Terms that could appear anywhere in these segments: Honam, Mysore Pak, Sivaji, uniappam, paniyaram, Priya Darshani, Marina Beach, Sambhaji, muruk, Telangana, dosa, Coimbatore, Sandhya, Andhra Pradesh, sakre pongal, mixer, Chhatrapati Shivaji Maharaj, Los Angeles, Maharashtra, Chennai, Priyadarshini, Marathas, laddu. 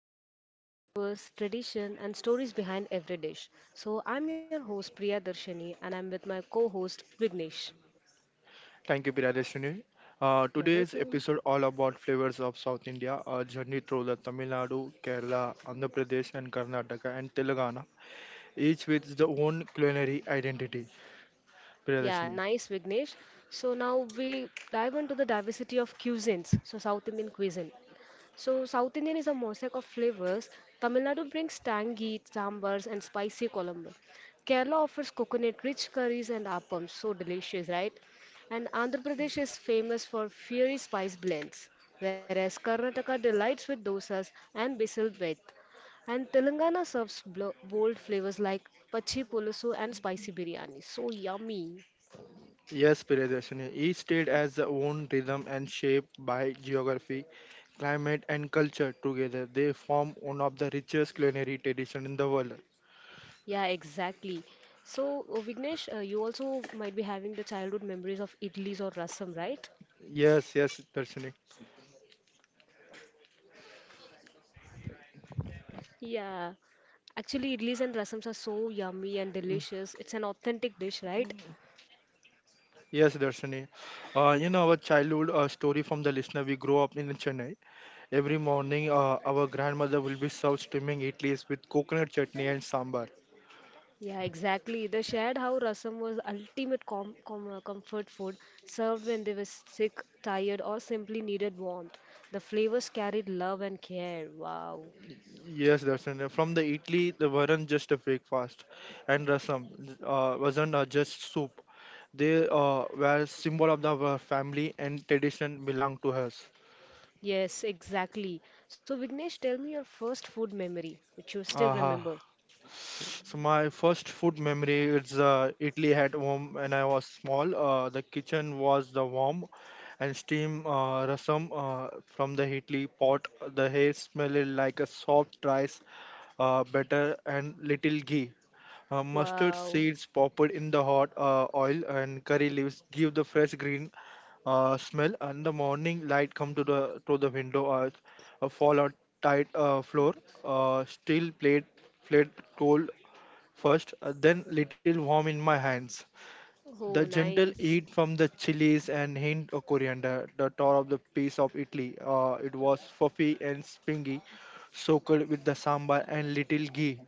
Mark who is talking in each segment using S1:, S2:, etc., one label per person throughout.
S1: can celebrate the flavors, tradition, and stories behind every dish. So, I'm your host Priya Darshani, and I'm with my co host Vignesh.
S2: Thank you, Piradeshwini. Uh,
S1: Yeah,
S2: today's
S1: welcome.
S2: episode all about flavors of South India, a journey through the Tamil Nadu, Kerala, Andhra Pradesh, and Karnataka and Telangana, each with its own culinary identity.
S1: Yeah,
S2: Piradeshwini.
S1: nice Vignesh. So, now we dive into the diversity of cuisines, so South Indian cuisine. So, South Indian is a mosaic of flavors. Tamil Nadu brings tangy sambars and spicy kolambu. Kerala offers coconut rich curries and appams, so delicious, right? And Andhra Pradesh is famous for fiery spice blends, whereas Karnataka delights with dosas and basil bread. And Telangana serves bold flavors like pachi pulusu and spicy biryani. So yummy.
S2: Yes, Piradeshwini. Each state has their own rhythm and shape by geography, climate, and culture. Together, they form one of the richest culinary tradition in the world.
S1: Yeah, exactly. So, Vignesh, you also might be having the childhood memories of idlis or rasam, right?
S2: Yes, yes, Darshini.
S1: Yeah. Actually, idlis and rasams are so
S2: Mm,
S1: yummy and delicious. It's an authentic dish, right?
S2: Yes, Darshini. In our childhood story from the listener, we grew up in Chennai. Every morning, our grandmother will be served steaming idlis with coconut chutney and sambar.
S1: Yeah, exactly. They shared how rasam was ultimate comfort food served when they were sick, tired, or simply needed warmth. The flavors carried love and care. Wow.
S2: Yes, Darshan. From the idli, they weren't just a breakfast, and rasam wasn't just soup. They were symbol of the, our family and tradition belonged to us.
S1: Yes, exactly. So, Vignesh, tell me your first food memory, which you still
S2: Aha.
S1: remember.
S2: So my first food memory is Italy at home when I was small. The kitchen was the warm and steam rasam from the Italy pot. The hair smelled like a soft rice butter and little ghee. Mustard
S1: Wow.
S2: seeds popped in the hot oil and curry leaves give the fresh green smell, and the morning light come to the window. A fall on tight floor, steel plate, plate cold first, then little warm in my hands. The
S1: Oh,
S2: gentle
S1: nice.
S2: heat from the chilies and hint of coriander, the tour of the piece of Italy. It was fluffy and springy, soaked with the sambar and little ghee,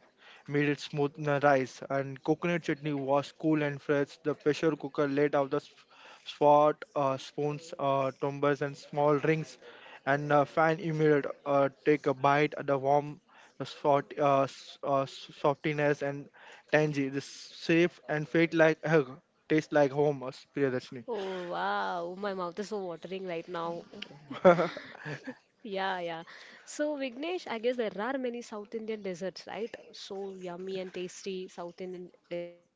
S2: made it smooth and rice. And coconut chutney was cool and fresh. The pressure cooker laid out the spoons, tumblers, and small rings, and fan immediate. Take a bite at the warm. The softiness and tangy, this safe and felt like hug. Tastes like home, Priyadarshini.
S1: Oh, wow. My mouth is so watering right now. Yeah, yeah. So, Vignesh, I guess there are many South Indian desserts, right? So yummy and tasty South Indian desserts.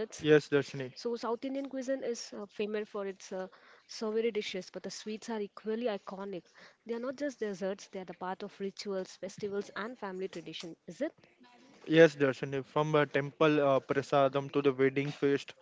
S1: So,
S2: Yes,
S1: South Indian
S2: Darshini.
S1: cuisine is famous for its savory dishes, but the sweets are equally iconic. They are not just desserts, they are the part of rituals, festivals, and family tradition, is it?
S2: Yes, Darshini. From a temple prasadam to the wedding feast,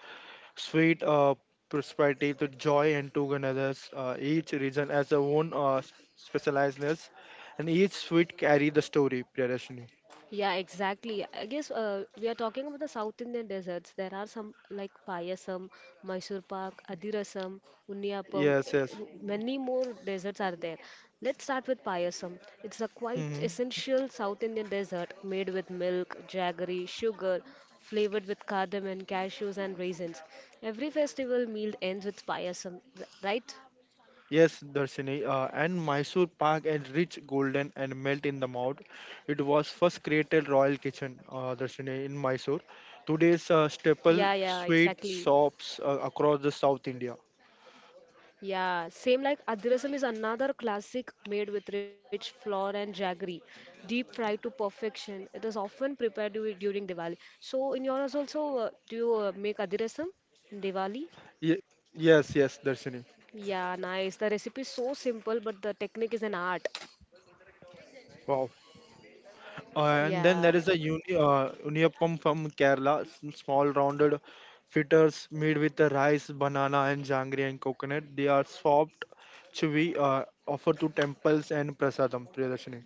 S2: sweet prosperity to joy and togetherness. Each region has their own specializedness, and each sweet carry the story, Priyadarshini.
S1: Yeah, exactly. I guess we are talking about the South Indian desserts. There are some like payasam, Mysore pak, adirasam, unniyappam.
S2: Yes, yes.
S1: Many more desserts are there. Let's start with payasam. It's a quite
S2: Mm-hmm.
S1: essential South Indian dessert made with milk, jaggery, sugar, flavored with cardamom, cashews, and raisins. Every festival meal ends with payasam, right?
S2: Yes, Darshini, and Mysore Pak and rich golden and melt in the mouth. It was first created royal kitchen, Darshini, in Mysore. Today's
S1: Yeah, yeah,
S2: staple
S1: exactly.
S2: sweet shops across the South India.
S1: Yeah, same like Adhirasam is another classic made with rich flour and jaggery, deep fried to perfection. It is often prepared during Diwali. So in yours also, do you make Adhirasam in Diwali?
S2: Ye- yes, yes, Darshini.
S1: Yeah, nice. The recipe is so simple, but the technique is an art.
S2: Wow. And then
S1: Yeah.
S2: there is a uniappam from Kerala, small rounded fritters made with the rice, banana, and janggery and coconut. They are soft, chewy, offered to temples and prasadam, Priyadarshini.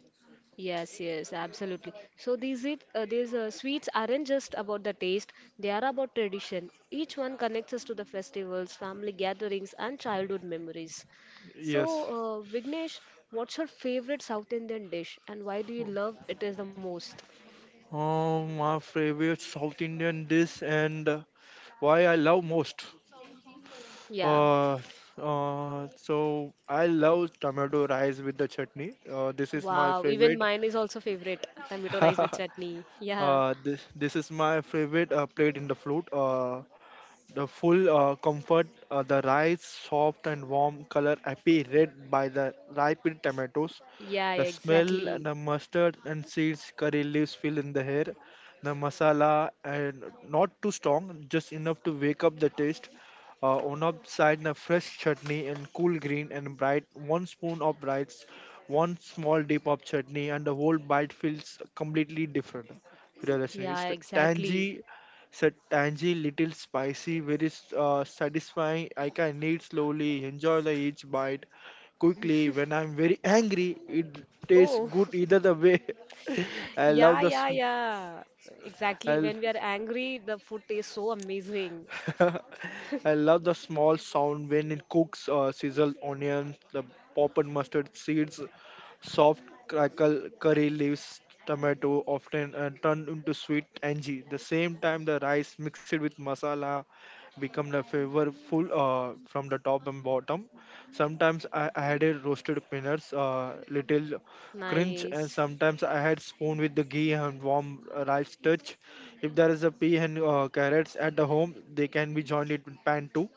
S1: Yes, yes, absolutely. So these sweets aren't just about the taste; they are about tradition. Each one connects us to the festivals, family gatherings, and childhood memories. So,
S2: Yes.
S1: Vignesh, what's your favorite South Indian dish, and why do you love it is the most?
S2: My favorite South Indian dish and why I love most.
S1: Yeah.
S2: Uh, so I love tomato rice with the chutney. This is my
S1: Wow. Even
S2: favorite.
S1: mine is also favorite. Tomato rice with
S2: uh,
S1: chutney. Yeah.
S2: this is my favorite plate in the fruit. The full comfort, the rice, soft and warm color, happy red by the ripened tomatoes.
S1: Yeah.
S2: The smell and
S1: Exactly.
S2: the mustard and seeds, curry leaves fill in the air. The masala and not too strong, just enough to wake up the taste. On up side, the fresh chutney and cool green and bright. One spoon of rice, one small dip of chutney, and the whole bite feels completely different. Priyadashini. It's
S1: Yeah. Exactly.
S2: tangy so tangy, little spicy, very satisfying. I can eat slowly, enjoy the each bite quickly. When I'm very angry, it tastes
S1: Oh.
S2: good either the way. I
S1: Yeah,
S2: love the
S1: yeah,
S2: sm-
S1: yeah. Exactly.
S2: I,
S1: When we are angry, the food tastes so amazing.
S2: I love the small sound when it cooks, sizzle onion, the pop and mustard seeds, soft crackle curry leaves, tomato often turned into sweet tangy. The same time the rice mixed with masala become the flavorful from the top and bottom. Sometimes I added roasted peanuts, little crunch, and
S1: Nice.
S2: sometimes I had spoon with the ghee and warm rice touch. If there is a pea and carrots at the home, they can be joined it with pan too.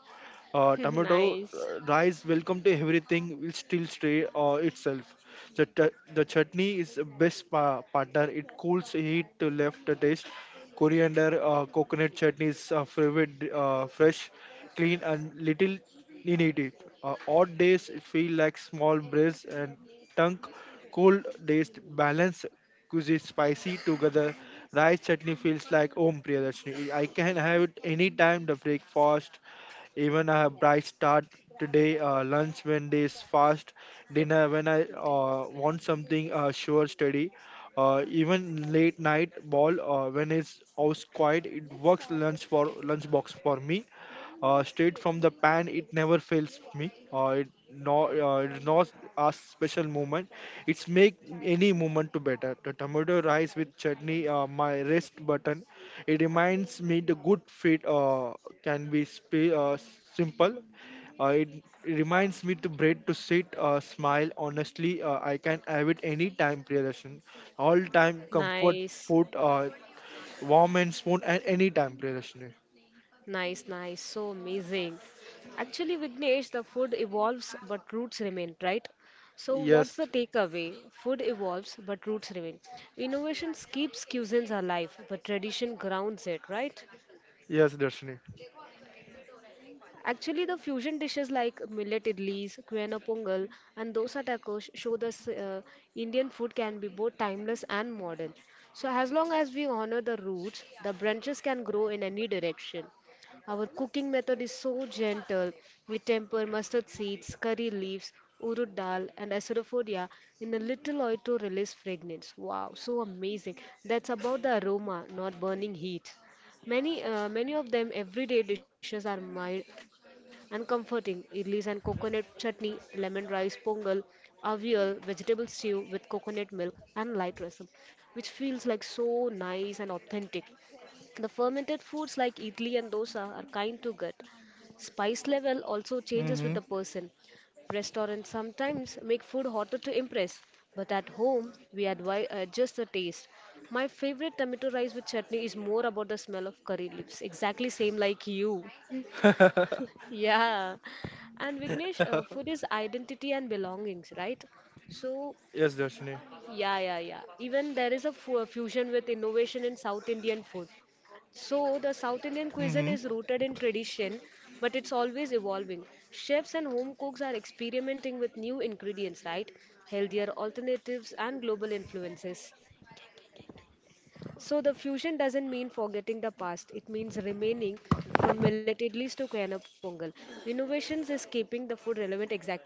S2: Uh, tomato,
S1: Nice.
S2: uh, rice, welcome to everything will still stay itself. The chutney is the best partner. It cools heat to left the taste. Coriander, coconut chutney is favorite, fresh, clean and little needed. Odd days feel like small breeze and tongue cold days balance cuisine spicy together. Rice chutney feels like home, Priyadashini. I can have it anytime the breakfast, even a bright start today, lunch when there's fast, dinner when I want something sure steady. Even late night ball when it's house quiet, it works lunch for lunch box for me straight from the pan. It never fails me. It's not a special moment. It's make any moment to better. The tomato rice with chutney, my rest button. It reminds me the good fit can be simple. Uh, it, it reminds me to bread to sit, smile. Honestly, I can have it any time, Priyadarshan. All time comfort
S1: Nice.
S2: food, warm and spoon, and any time, Priyadarshan.
S1: Nice, nice. So amazing. Actually, Vignesh, the food evolves but roots remain, right? So, what's
S2: Yes,
S1: the takeaway? Food evolves but roots remain. Innovations keeps cuisines alive, but tradition grounds it, right?
S2: Yes, Darshini.
S1: Actually, the fusion dishes like millet idlis, quena pongal, and dosa tacos show the Indian food can be both timeless and modern. So, as long as we honor the roots, the branches can grow in any direction. Our cooking method is so gentle. We temper mustard seeds, curry leaves, urud dal, and asafoetida in a little oil to release fragrance. Wow, so amazing! That's about the aroma, not burning heat. Many of them everyday dishes are mild and comforting. Idlis and coconut chutney, lemon rice pongal, avial, vegetable stew with coconut milk and light rasam, which feels like so nice and authentic. The fermented foods like idli and dosa are kind to gut. Spice level also changes with the
S2: Mm-hmm.
S1: person. Restaurants sometimes make food hotter to impress, but at home we adjust the taste. My favorite tomato rice with chutney is more about the smell of curry leaves. Exactly same like you. Yeah. And Vignesh, food is identity and belongings, right? So,
S2: Yes, Darshini.
S1: yeah, yeah, yeah. Even there is a fusion with innovation in South Indian food. So, the South
S2: Mm-hmm.
S1: Indian cuisine is rooted in tradition, but it's always evolving. Chefs and home cooks are experimenting with new ingredients, right? Healthier alternatives and global influences. So, the fusion doesn't mean forgetting the past, it means remaining from millet idlis to Koyana pongal. Innovations is keeping the food relevant exactly.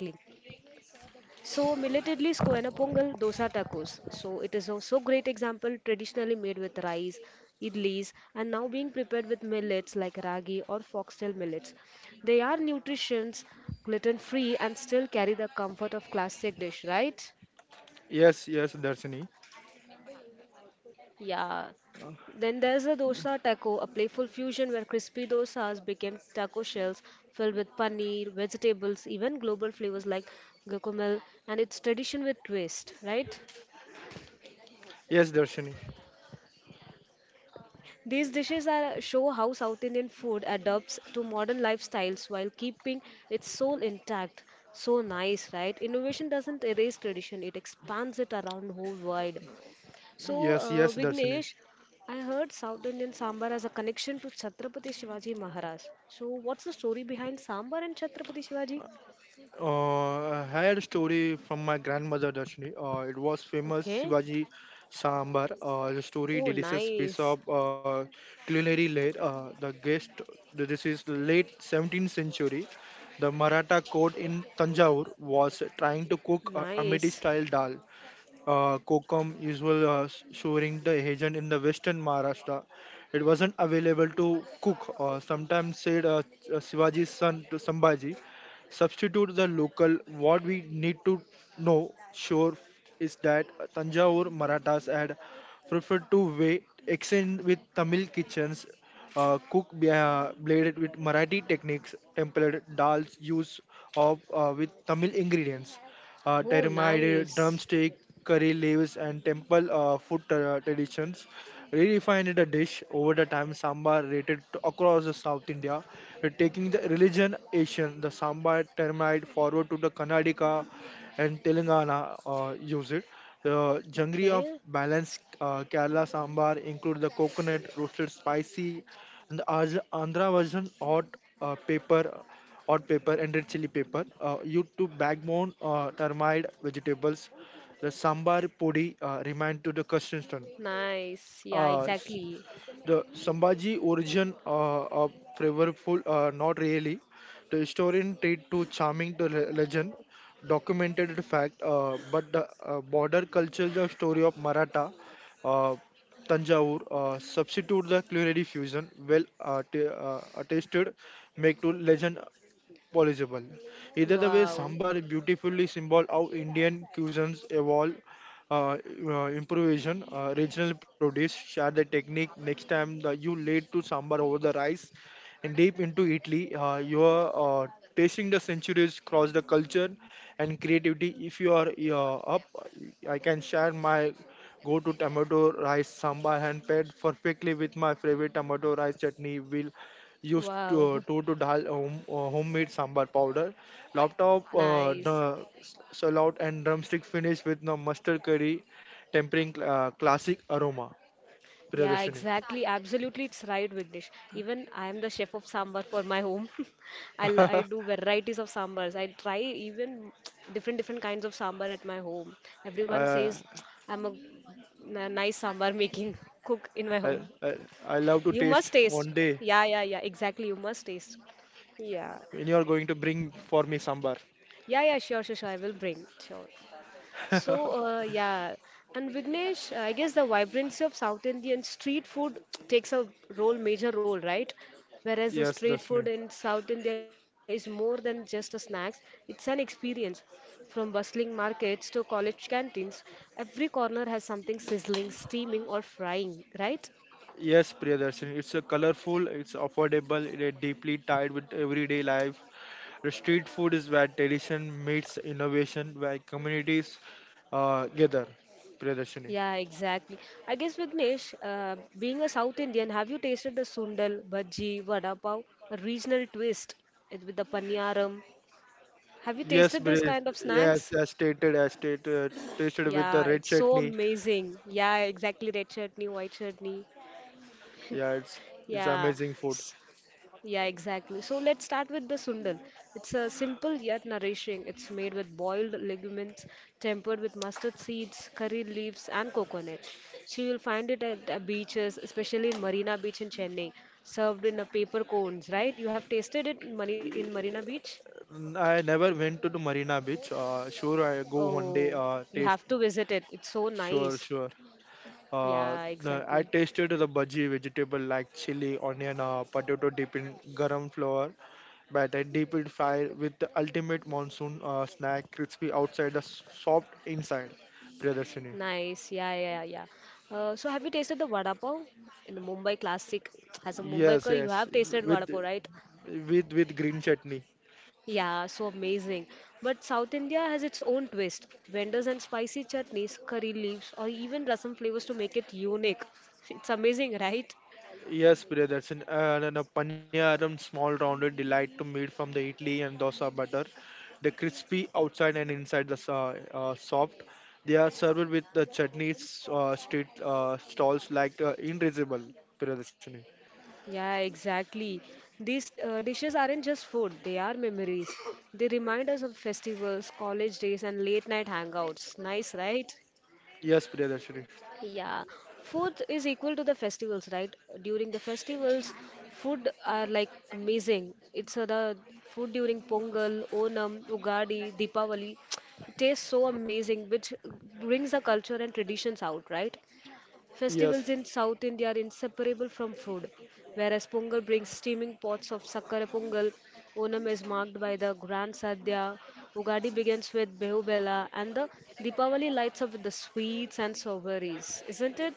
S1: So millet idli is koena pongal, dosa tacos. So it is also great example traditionally made with rice, idlis, and now being prepared with millets like ragi or foxtail millets. They are nutritions, gluten free, and still carry the comfort of classic dish, right?
S2: Yes, yes, Darshini.
S1: Yeah, then there's the dosa taco, a playful fusion where crispy dosas became taco shells filled with paneer, vegetables, even global flavors like guacamole, and it's tradition with twist, right?
S2: Yes, Darshini.
S1: These dishes are, show how South Indian food adapts to modern lifestyles while keeping its soul intact. So nice, right? Innovation doesn't erase tradition, it expands it around whole world. So,
S2: Yes, yes, Darshini.
S1: Vignesh, I heard South Indian sambar has a connection to Chhatrapati Shivaji Maharaj. So, what's the story behind sambar and Chhatrapati Shivaji?
S2: I had a story from my grandmother Darshini. It was famous
S1: Okay.
S2: Sivaji sambar. The story
S1: Oh,
S2: delicious piece
S1: nice.
S2: of culinary late. The guest. This is late 17th century. The Maratha court in Tanjore was trying to cook a Amity
S1: Nice.
S2: style dal. Kokum usual sourine the agent in the western Maharashtra. It wasn't available to cook or sometimes said Shivaji's son to Sambhaji. Substitute the local. What we need to know sure is that Tanjavur Marathas had preferred to wait exchange with Tamil kitchens. Cook bladed with Marathi techniques, templated dals used of with Tamil ingredients
S1: Oh,
S2: tamarind,
S1: nice.
S2: drumstick, curry leaves, and temple food traditions. Redefined the dish over the time, sambar rated to across the South India, taking the religion Asian, the sambar tamarind forward to the Karnataka and Telangana use it. The jangri of
S1: Okay.
S2: balanced Kerala sambar include the coconut, roasted spicy, and the Andhra version hot pepper and red chili pepper. You to backbone termite vegetables. The sambar podi remind to the Christensen.
S1: Nice. Yeah,
S2: Uh, s-
S1: exactly.
S2: the Sambhaji origin of flavorful, not really. The historian treat to charming the legend, documented the fact, but the border culture, the story of Maratha, uh, Tanjavur, substitute the culinary fusion, well attested, make to legend possible. Either the way,
S1: Wow.
S2: sambar beautifully symbol how Indian cuisines evolve, uh, improvisation, regional produce, share the technique. Next time the, you laid to sambar over the rice and deep into Italy, you are uh, tasting the centuries cross the culture and creativity. If you are up, I can share my go to tomato rice sambar hand paired perfectly with my favorite tomato rice chutney. Will used
S1: Wow,
S2: to, to, to dal home, homemade sambar powder, laptop uh,
S1: nice.
S2: the s- salad and drumstick finish with the mustard curry, tempering classic aroma.
S1: Yeah,
S2: Priyadarshini.
S1: exactly. Absolutely, it's right, Vignesh. Even I am the chef of sambar for my home.
S2: uh,
S1: I do varieties of sambars. I try even different different kinds of sambar at my home. Everyone
S2: I,
S1: says I'm a, a nice sambar making cook in my
S2: I,
S1: home.
S2: I love to
S1: You
S2: taste
S1: must taste.
S2: one day
S1: Yeah, yeah, yeah. Exactly, you must taste.
S2: when
S1: Yeah,
S2: you are going to bring for me sambar.
S1: yeah, yeah. Sure, sure, sure. I will bring. Sure. So, yeah. And Vignesh, I guess the vibrancy of South Indian street food takes a role, major role, right? Whereas the
S2: Yes,
S1: street food
S2: Darshini.
S1: in South India is more than just a snacks, it's an experience. From bustling markets to college canteens, every corner has something sizzling, steaming, or frying, right?
S2: Yes, Priyadarshini. It's a colorful, it's affordable, it is deeply tied with everyday life. The street food is where tradition meets innovation, where communities gather. Priyadashini.
S1: Yeah, exactly. I guess Vignesh, being a South Indian, have you tasted the sundal, bhaji, vada pav, a regional twist with the paniyaram. Have you
S2: Yes,
S1: tasted this
S2: Briz.
S1: kind of
S2: Yes,
S1: snacks?
S2: as stated, tasted with the
S1: Yeah,
S2: red
S1: it's so
S2: chutney.
S1: amazing. Yeah, exactly. Red chutney, white chutney.
S2: Yeah, it's
S1: Yeah,
S2: amazing food.
S1: s- yeah, exactly. So let's start with the sundal. It's a simple yet nourishing. It's made with boiled legumes, tempered with mustard seeds, curry leaves, and coconut. So you'll find it at beaches, especially in Marina Beach in Chennai, served in a paper cones, right? You have tasted it in, in Marina Beach?
S2: Mm, I never went to the Marina Beach. Sure, I go one
S1: Oh,
S2: day.
S1: you have to
S2: Taste.
S1: visit it. It's so nice.
S2: Sure, sure.
S1: Yeah,
S2: Uh, the,
S1: exactly.
S2: I tasted the bhaji vegetable like chili, onion, potato dip in garam flour, but I deep it fry with the ultimate monsoon snack, crispy outside, the soft inside. Priyadarshini.
S1: Nice. Yeah, yeah, yeah. Yeah. So have you tasted the vada pav in the Mumbai classic? As a
S2: Yes,
S1: Mumbaikar, you
S2: yes,
S1: have tasted
S2: with
S1: vada pav, right?
S2: with green chutney.
S1: Yeah, so amazing. But South India has its own twist. Vendors and spicy chutneys, curry leaves, or even rasam flavors to make it unique. It's amazing, right?
S2: Yes, Priyadarshini. And a paniyaram, small rounded delight to meat from the idli and dosa butter. The crispy outside and inside the soft. They are served with the chutneys, street stalls like Invisible, Priyadarshini.
S1: Yeah, exactly. These dishes aren't just food, they are memories. They remind us of festivals, college days, and late night hangouts. Nice, right?
S2: Yes, Priyadarshini.
S1: Yeah, food is equal to the festivals, right? During the festivals, food are like amazing. It's the food during Pongal, Onam, Ugadi, Deepavali. It tastes so amazing, which brings the culture and traditions out, right?
S2: Yes.
S1: Festivals in South India are inseparable from food. Whereas Pongal brings steaming pots of Sakkara Pongal, Onam is marked by the Grand Sadhya, Ugadi begins with Behu Bella, and the Deepavali lights up with the sweets and souvenirs, isn't it?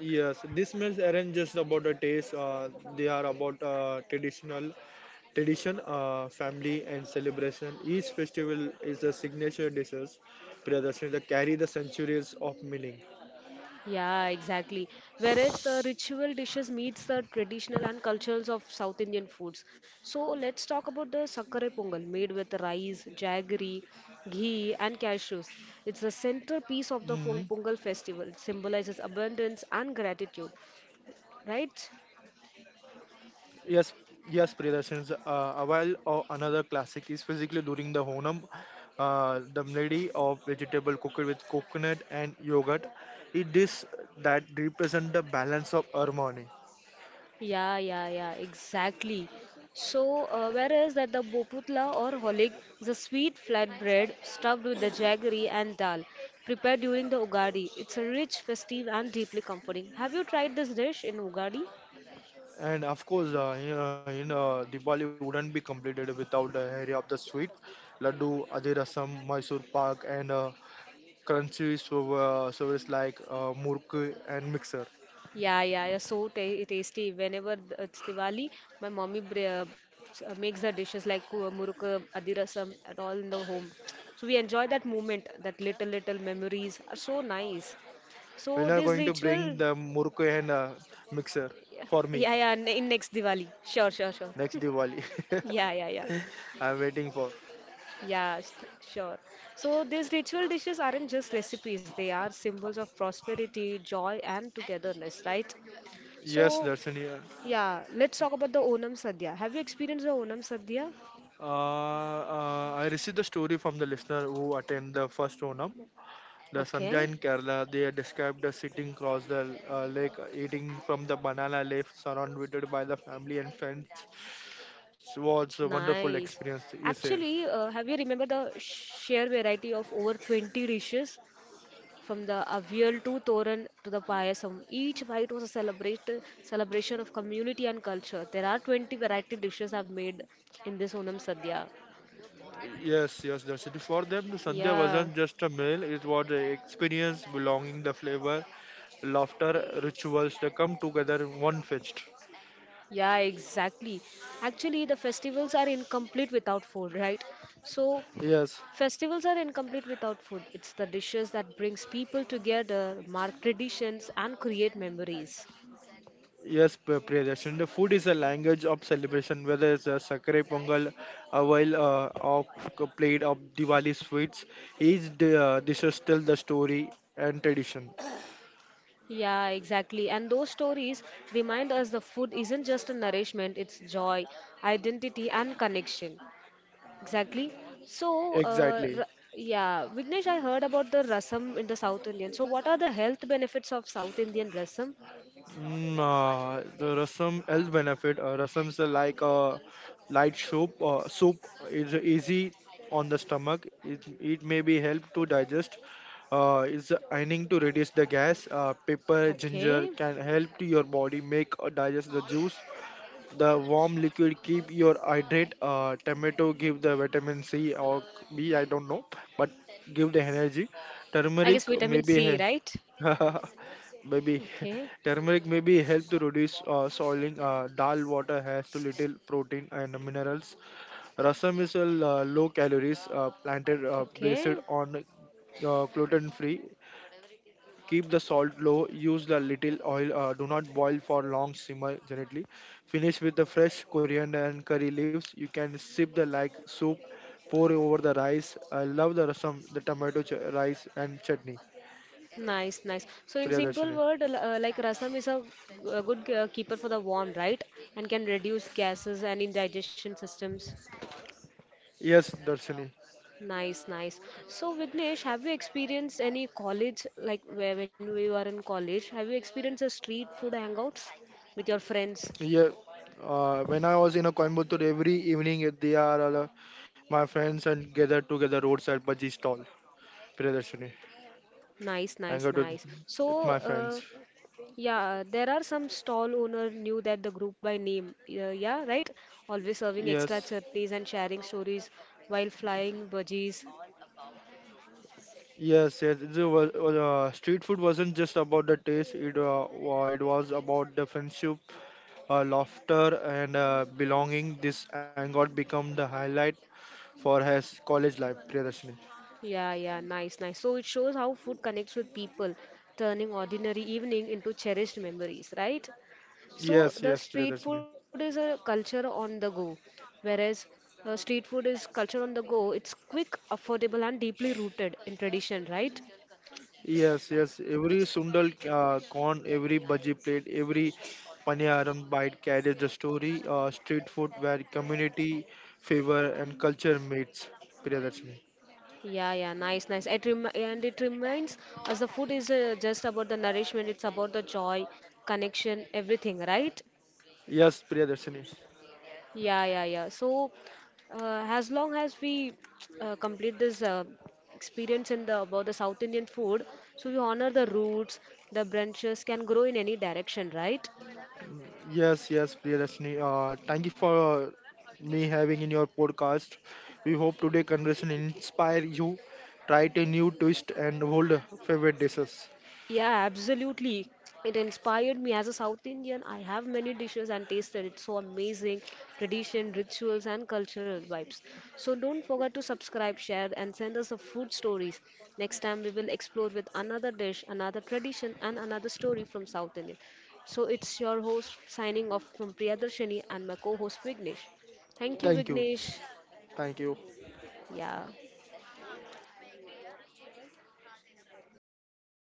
S2: Yes, these meals aren't just about the taste. They are about tradition, family, and celebration. Each festival is a signature dishes, Priyadarshan, that carry the centuries of meaning.
S1: Yeah, exactly. Whereas the ritual dishes meets the traditional and cultures of South Indian foods. So let's talk about the sakkare pongal made with rice, jaggery, ghee, and cashews. It's the centerpiece of the
S2: Mhm.
S1: pongal festival. It symbolizes abundance and gratitude, right?
S2: Yes, yes, Priyadarshan. A while or another classic is basically during the Honam, the melody of vegetable cooked with coconut and yogurt. It is that represent the balance of harmony.
S1: Yeah, yeah, yeah, exactly. So, whereas that the boputla or holig is a sweet flatbread stuffed with the jaggery and dal, prepared during the Ugadi. It's a rich, festive, and deeply comforting. Have you tried this dish in Ugadi?
S2: And of course, Diwali wouldn't be completed without the area of the sweet laddu, adirasam, Mysore pak, and crunchy so, service like muruk and mixer.
S1: Yeah, yeah, yeah, so ta tasty. Whenever it's Diwali, my mommy makes the dishes like murukku, adirasam, and all in the home. So we enjoy that moment, that little little memories are so nice. So
S2: When are
S1: this
S2: going to
S1: ritual.
S2: bring the muruk and mixer
S1: Yeah,
S2: for me
S1: yeah, yeah, in next Diwali. Sure, sure, sure.
S2: next Diwali?
S1: Yeah, yeah, yeah.
S2: I'm waiting for.
S1: Yeah, s- sure. So these ritual dishes aren't just recipes, they are symbols of prosperity, joy, and togetherness, right?
S2: Yes,
S1: So,
S2: Darshani.
S1: yeah, let's talk about the Onam Sadhya. Have you experienced the Onam Sadhya?
S2: I received the story from the listener who attended the first Onam. The Sandhya
S1: Okay,
S2: in Kerala, they are described as sitting across the lake, eating from the banana leaf, surrounded by the family and friends. It
S1: nice.
S2: was a wonderful
S1: Actually,
S2: experience, he
S1: have
S2: said.
S1: you remembered the sheer variety of over 20 dishes. From the Avial to Toran to the Payasam, each bite was a celebration of community and culture. There are 20 variety dishes I've made in this Onam Sadhya.
S2: Yes, yes, that's it. For them, the Sandhya
S1: Yeah,
S2: wasn't just a meal, it was an experience belonging the flavor, laughter, rituals, they come together in one fest.
S1: yeah, exactly. Actually, the festivals are incomplete without food, right? So,
S2: Yes.
S1: festivals are incomplete without food. It's the dishes that brings people together, mark traditions, and create memories.
S2: Yes, Priyadarshan. The food is a language of celebration, whether it's a sakre pongal, a while of a plate of Diwali sweets. Each dishes tell the story and tradition.
S1: Yeah, exactly. And those stories remind us the food isn't just a nourishment, it's joy, identity, and connection. Exactly. So,
S2: Exactly.
S1: yeah, Vignesh, I heard about the rasam in the South Indian. So, what are the health benefits of South Indian rasam?
S2: The rasam health benefit. Rasam is like a light soup. Soup is easy on the stomach. It may be help to digest. Is aiming to reduce the gas. Pepper, ginger
S1: Okay.
S2: can help to your body make or digest the juice. The warm liquid keep your hydrate. Tomato give the vitamin C or B, I don't know, but give the energy.
S1: I guess
S2: Turmeric
S1: vitamin C, right?
S2: maybe
S1: Okay.
S2: turmeric maybe help to reduce soiling. Dal water has too little protein and minerals. Rasam is a low calories planted based
S1: Okay.
S2: on gluten free. Keep the salt low, use the little oil, do not boil for long, simmer gently. Finish with the fresh coriander and curry leaves. You can sip the like soup, pour over the rice. I love the rasam, the tomato rice and chutney.
S1: Nice, nice. So, in
S2: Priya
S1: simple
S2: Darshini.
S1: word, like rasam is a, a good keeper for the warm, right? And can reduce gases and indigestion systems.
S2: Yes, Darshini.
S1: Nice, nice. So, Vignesh, have you experienced any college, like where when we were in college, have you experienced a street food hangouts with your friends?
S2: Yeah. When I was in a Coimbatore, every evening at the hour, all, my friends and gather together roadside bhaji stall. Priya Darshini.
S1: Nice, nice,
S2: Hang out
S1: nice. So,
S2: with my friends.
S1: yeah, there are some stall owner knew that the group by name. Yeah, yeah, right? Always serving extra
S2: Yes.
S1: chutneys and sharing stories while flying budgies.
S2: Yes, yes. The was, street food wasn't just about the taste. It was about the friendship, laughter, and belonging. This anger become the highlight for his college life, Priyadarshini.
S1: Yeah, yeah, nice, nice. So it shows how food connects with people, turning ordinary evening into cherished memories, right? So
S2: Yes,
S1: the
S2: yes,
S1: street food
S2: Priyadarshini.
S1: is a culture on the go, whereas street food is culture on the go. It's quick, affordable, and deeply rooted in tradition, right?
S2: Yes, yes. Every sundal corn, every bhaji plate, every paniyaram bite carries the story. Street food where community, favor, and culture meets, Priyadarshini.
S1: Yeah, yeah, nice, nice. It rem and it reminds us the food is just about the nourishment, it's about the joy, connection, everything, right?
S2: Yes, Priyadarshini.
S1: Yeah, yeah, yeah. So, as long as we complete this experience in the about the South Indian food, so you honor the roots, the branches can grow in any direction, right?
S2: Yes, yes, Priyadashni. Thank you for uh, me having in your podcast. We hope today conversation inspire you, try a new twist and old favorite dishes.
S1: Yeah, absolutely. It inspired me as a South Indian. I have many dishes and tasted. It's so amazing. Tradition, rituals, and cultural vibes. So don't forget to subscribe, share, and send us the food stories. Next time we will explore with another dish, another tradition, and another story from South India. So it's your host signing off from Priyadarshini and my co-host Vignesh. Thank you,
S2: Thank you,
S1: Vignesh.
S2: thank you.
S1: Yeah.